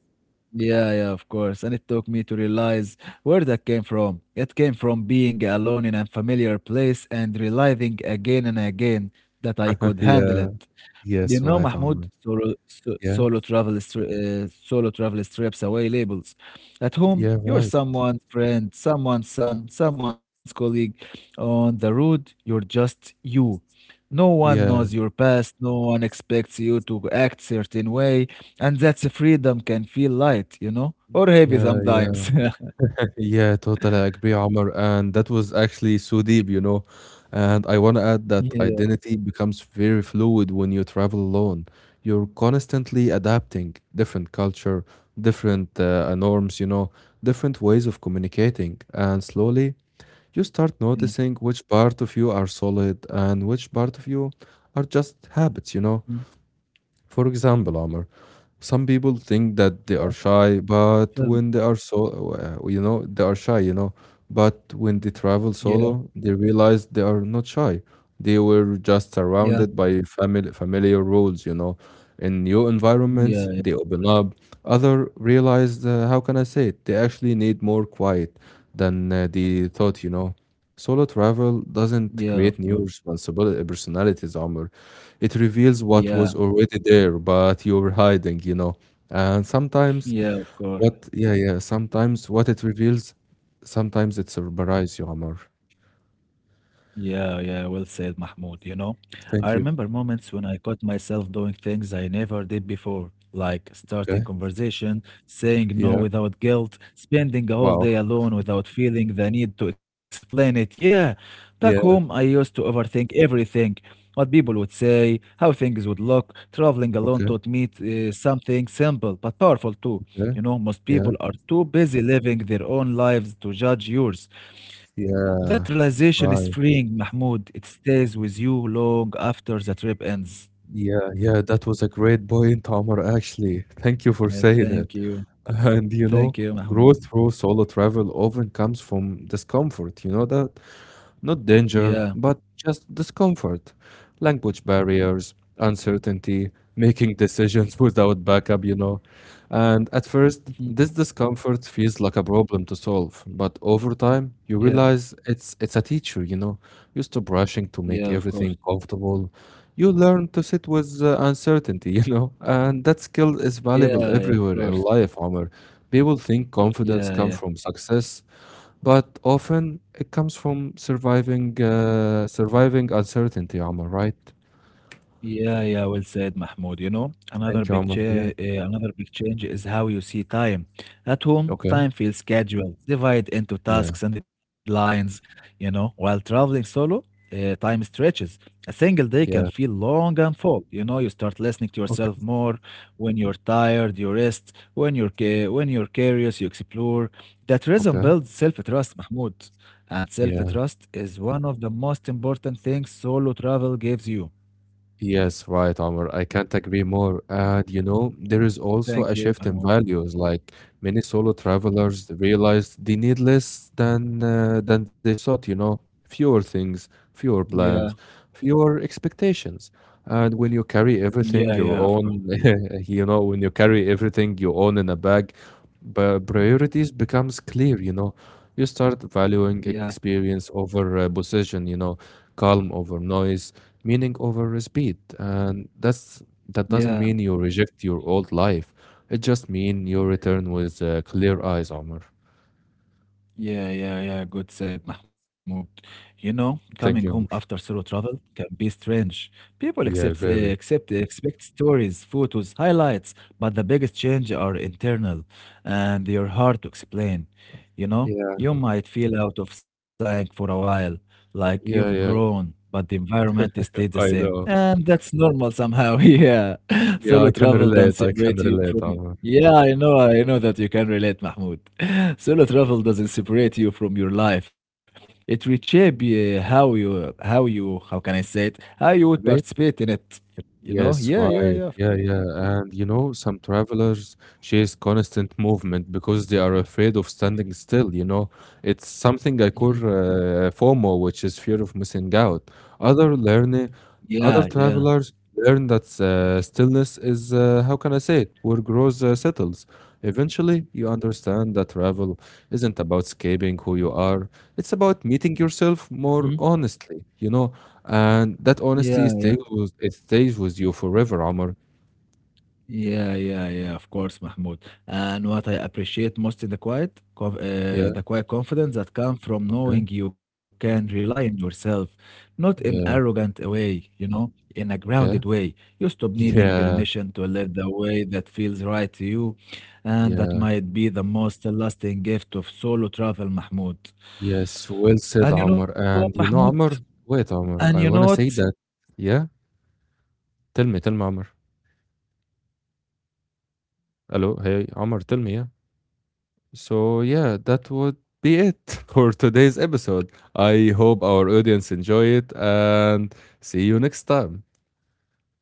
Yeah, yeah, of course. And it took me to realize where that came from. It came from being alone in a familiar place and realizing again and again that I could handle
Yeah.
it. Do you
Yes.
know,
Right,
Mahmoud,
Amr. Yeah.
solo travel strips away labels. At home,
Yeah.
you're
Right.
someone's friend, someone's son, someone's colleague. On the road, you're just you. No one
Yeah.
knows your past, no one expects you to act certain way, and that's freedom can feel light, you know, or heavy
Yeah. Yeah.
sometimes.
Exactly. Yeah, totally agree, Omar. And that was actually so deep, you know. And I want to add that
Yeah,
identity becomes very fluid when you travel alone. You're constantly adapting different culture, different norms, you know, different ways of communicating. And slowly, you
yeah.
start noticing which part of you are solid and which part of you are just habits, you know.
mm,
For example, Amr, some people think that they are shy, but
Tell me.
when they are so, you know, they are shy, you know, but when they travel
Yeah,
solo, they realize they are not shy. They were just
yeah,
surrounded by family, familiar rules, you know. In new
yeah,
environments,
yeah,
they open up. Other realize, how can I say it? They actually need more quiet than they thought, you know. Solo travel
yeah, of
doesn't
course.
create new responsibility personalities, Omar. It reveals what
Yeah,
was already there, but you were hiding, you know. And sometimes
yeah, of course.
sometimes what it reveals, sometimes it surprises you, Omar.
Yeah, yeah, well said, Mahmoud. You know, I
Thank you.
remember moments when I caught myself doing things I never did before, like starting
Okay.
conversation, saying no
Yeah.
without guilt, spending a whole
Wow.
day alone without feeling the need to explain it. Yeah, back home, I
Yeah.
used to overthink everything, what people would say, how things would look. Traveling alone
Okay.
taught me something simple but powerful too.
Okay.
You know, most
Yeah.
people are too busy living their own lives to judge yours. That
Yeah.
realization is
Right.
freeing, Mahmoud. It stays with you long after the trip ends.
Yeah. Yeah. That was a great point, Omar, actually. Thank you for
Yeah,
saying it.
thank you.
And you know,
Thank you, Mahmoud.
growth through solo travel often comes from discomfort. You know that? Not
Yeah.
danger, but just discomfort, language barriers, uncertainty, making decisions without backup, you know. And at first,
Mhm.
this discomfort feels like a problem to solve, but over time, you
Yeah.
realize it's a teacher, you know. Used to rushing to
Yeah,
make
of course.
everything comfortable, you learn to sit with uncertainty, you know. And that skill is
Yeah,
valuable
yeah, of
everywhere in
course.
life, Omar. People think confidence
Yeah,
comes
yeah.
from success, but often it comes from surviving uncertainty, Omar, right?
Yeah, yeah, well said, Mahmoud. You know,
Thank you, Omar. Yeah.
another big change is how you see time. At home,
Okay.
time feels casual, divided into
Yeah.
tasks and deadlines. You know, while traveling solo, time stretches. A single day can
Yeah.
feel long and full. You know, you start listening to
Okay.
yourself more. When you're tired, you rest. When you're curious, you explore. That rhythm
Okay.
builds self-trust, Mahmoud. And
Yeah.
self-trust is one of the most important things solo travel gives you.
Yes, right, Omar. I can't agree more. And you know, there is also
Thank
a
you,
shift in
Mahmoud.
values. Like many solo travelers realized they need less than they thought, you know, fewer things, fewer
Yeah,
plans, fewer expectations. And when you carry
yeah,
everything
yeah,
you
of course.
own, you know, when you carry everything you own in a bag, but priorities becomes clear, you know. You start valuing
Yeah,
experience over position, you know, calm over noise meaning over speed and that's that
yeah.
doesn't mean you reject your old life, it just means you return with clear eyes, Omar.
Yeah, yeah, yeah. Good said, Mahmoud. You know, coming home
Thank you, Omar.
after solo travel can be strange. People accept,
Yeah,
uh,
very
accept, expect stories, photos, highlights, but the biggest change are internal, and they are hard to explain. You know,
yeah,
you might feel out of sync for a while, like you've
yeah, yeah,
grown, but the environment stayed the
I
same,
know,
and that's normal somehow. Yeah,
yeah.
solo
I can
travel doesn't
relate I can
separate you
relate
from it.
Omar.
Yeah, I know that you can relate, Mahmoud. Solo travel doesn't separate you from your life. It reshape how can I say it? How you would participate in it. You know?
Yes,
Yeah, yeah,
right.
yeah. of
Yeah,
course.
yeah. And you know, some travelers chase constant movement because they are afraid of standing still, you know. It's something I call
Mhm.
FOMO, which is fear of missing out. Other learning,
Yeah,
Other
yeah.
travelers learn that stillness is, how can I say it, where growth settles. Eventually, you understand that travel isn't about escaping who you are. It's about meeting yourself
Mhm.
more honestly, you know, and that
Yeah,
honesty
yeah.
it stays with you forever, Omar.
Yeah, yeah, yeah, of course, Mahmoud. And what I appreciate most in the quiet, co- uh, the
Yeah,
quiet confidence that comes from
okay,
knowing you can rely on yourself, not in
yeah,
arrogant a way, you know, in a grounded
okay.
way. You stop needing
Yeah,
permission to live the way that feels right to you, and that
yeah,
might be the most lasting gift of solo travel, Mahmoud.
yes, well said,
And you know
Omar.
what,
And
Mahmoud?
you know, Omar, wait,
And you
Omar,
know
I want to
what? You
say
know
that.
what? I
Yeah,
think that,
tell me, Omar.
yeah, Mahmoud, with
Hello,
me,
hey, Omar, tell me, yeah.
Mahmoud.
So, yeah, that would be it for today's episode. I hope our audience enjoy it and see you next time.
محمود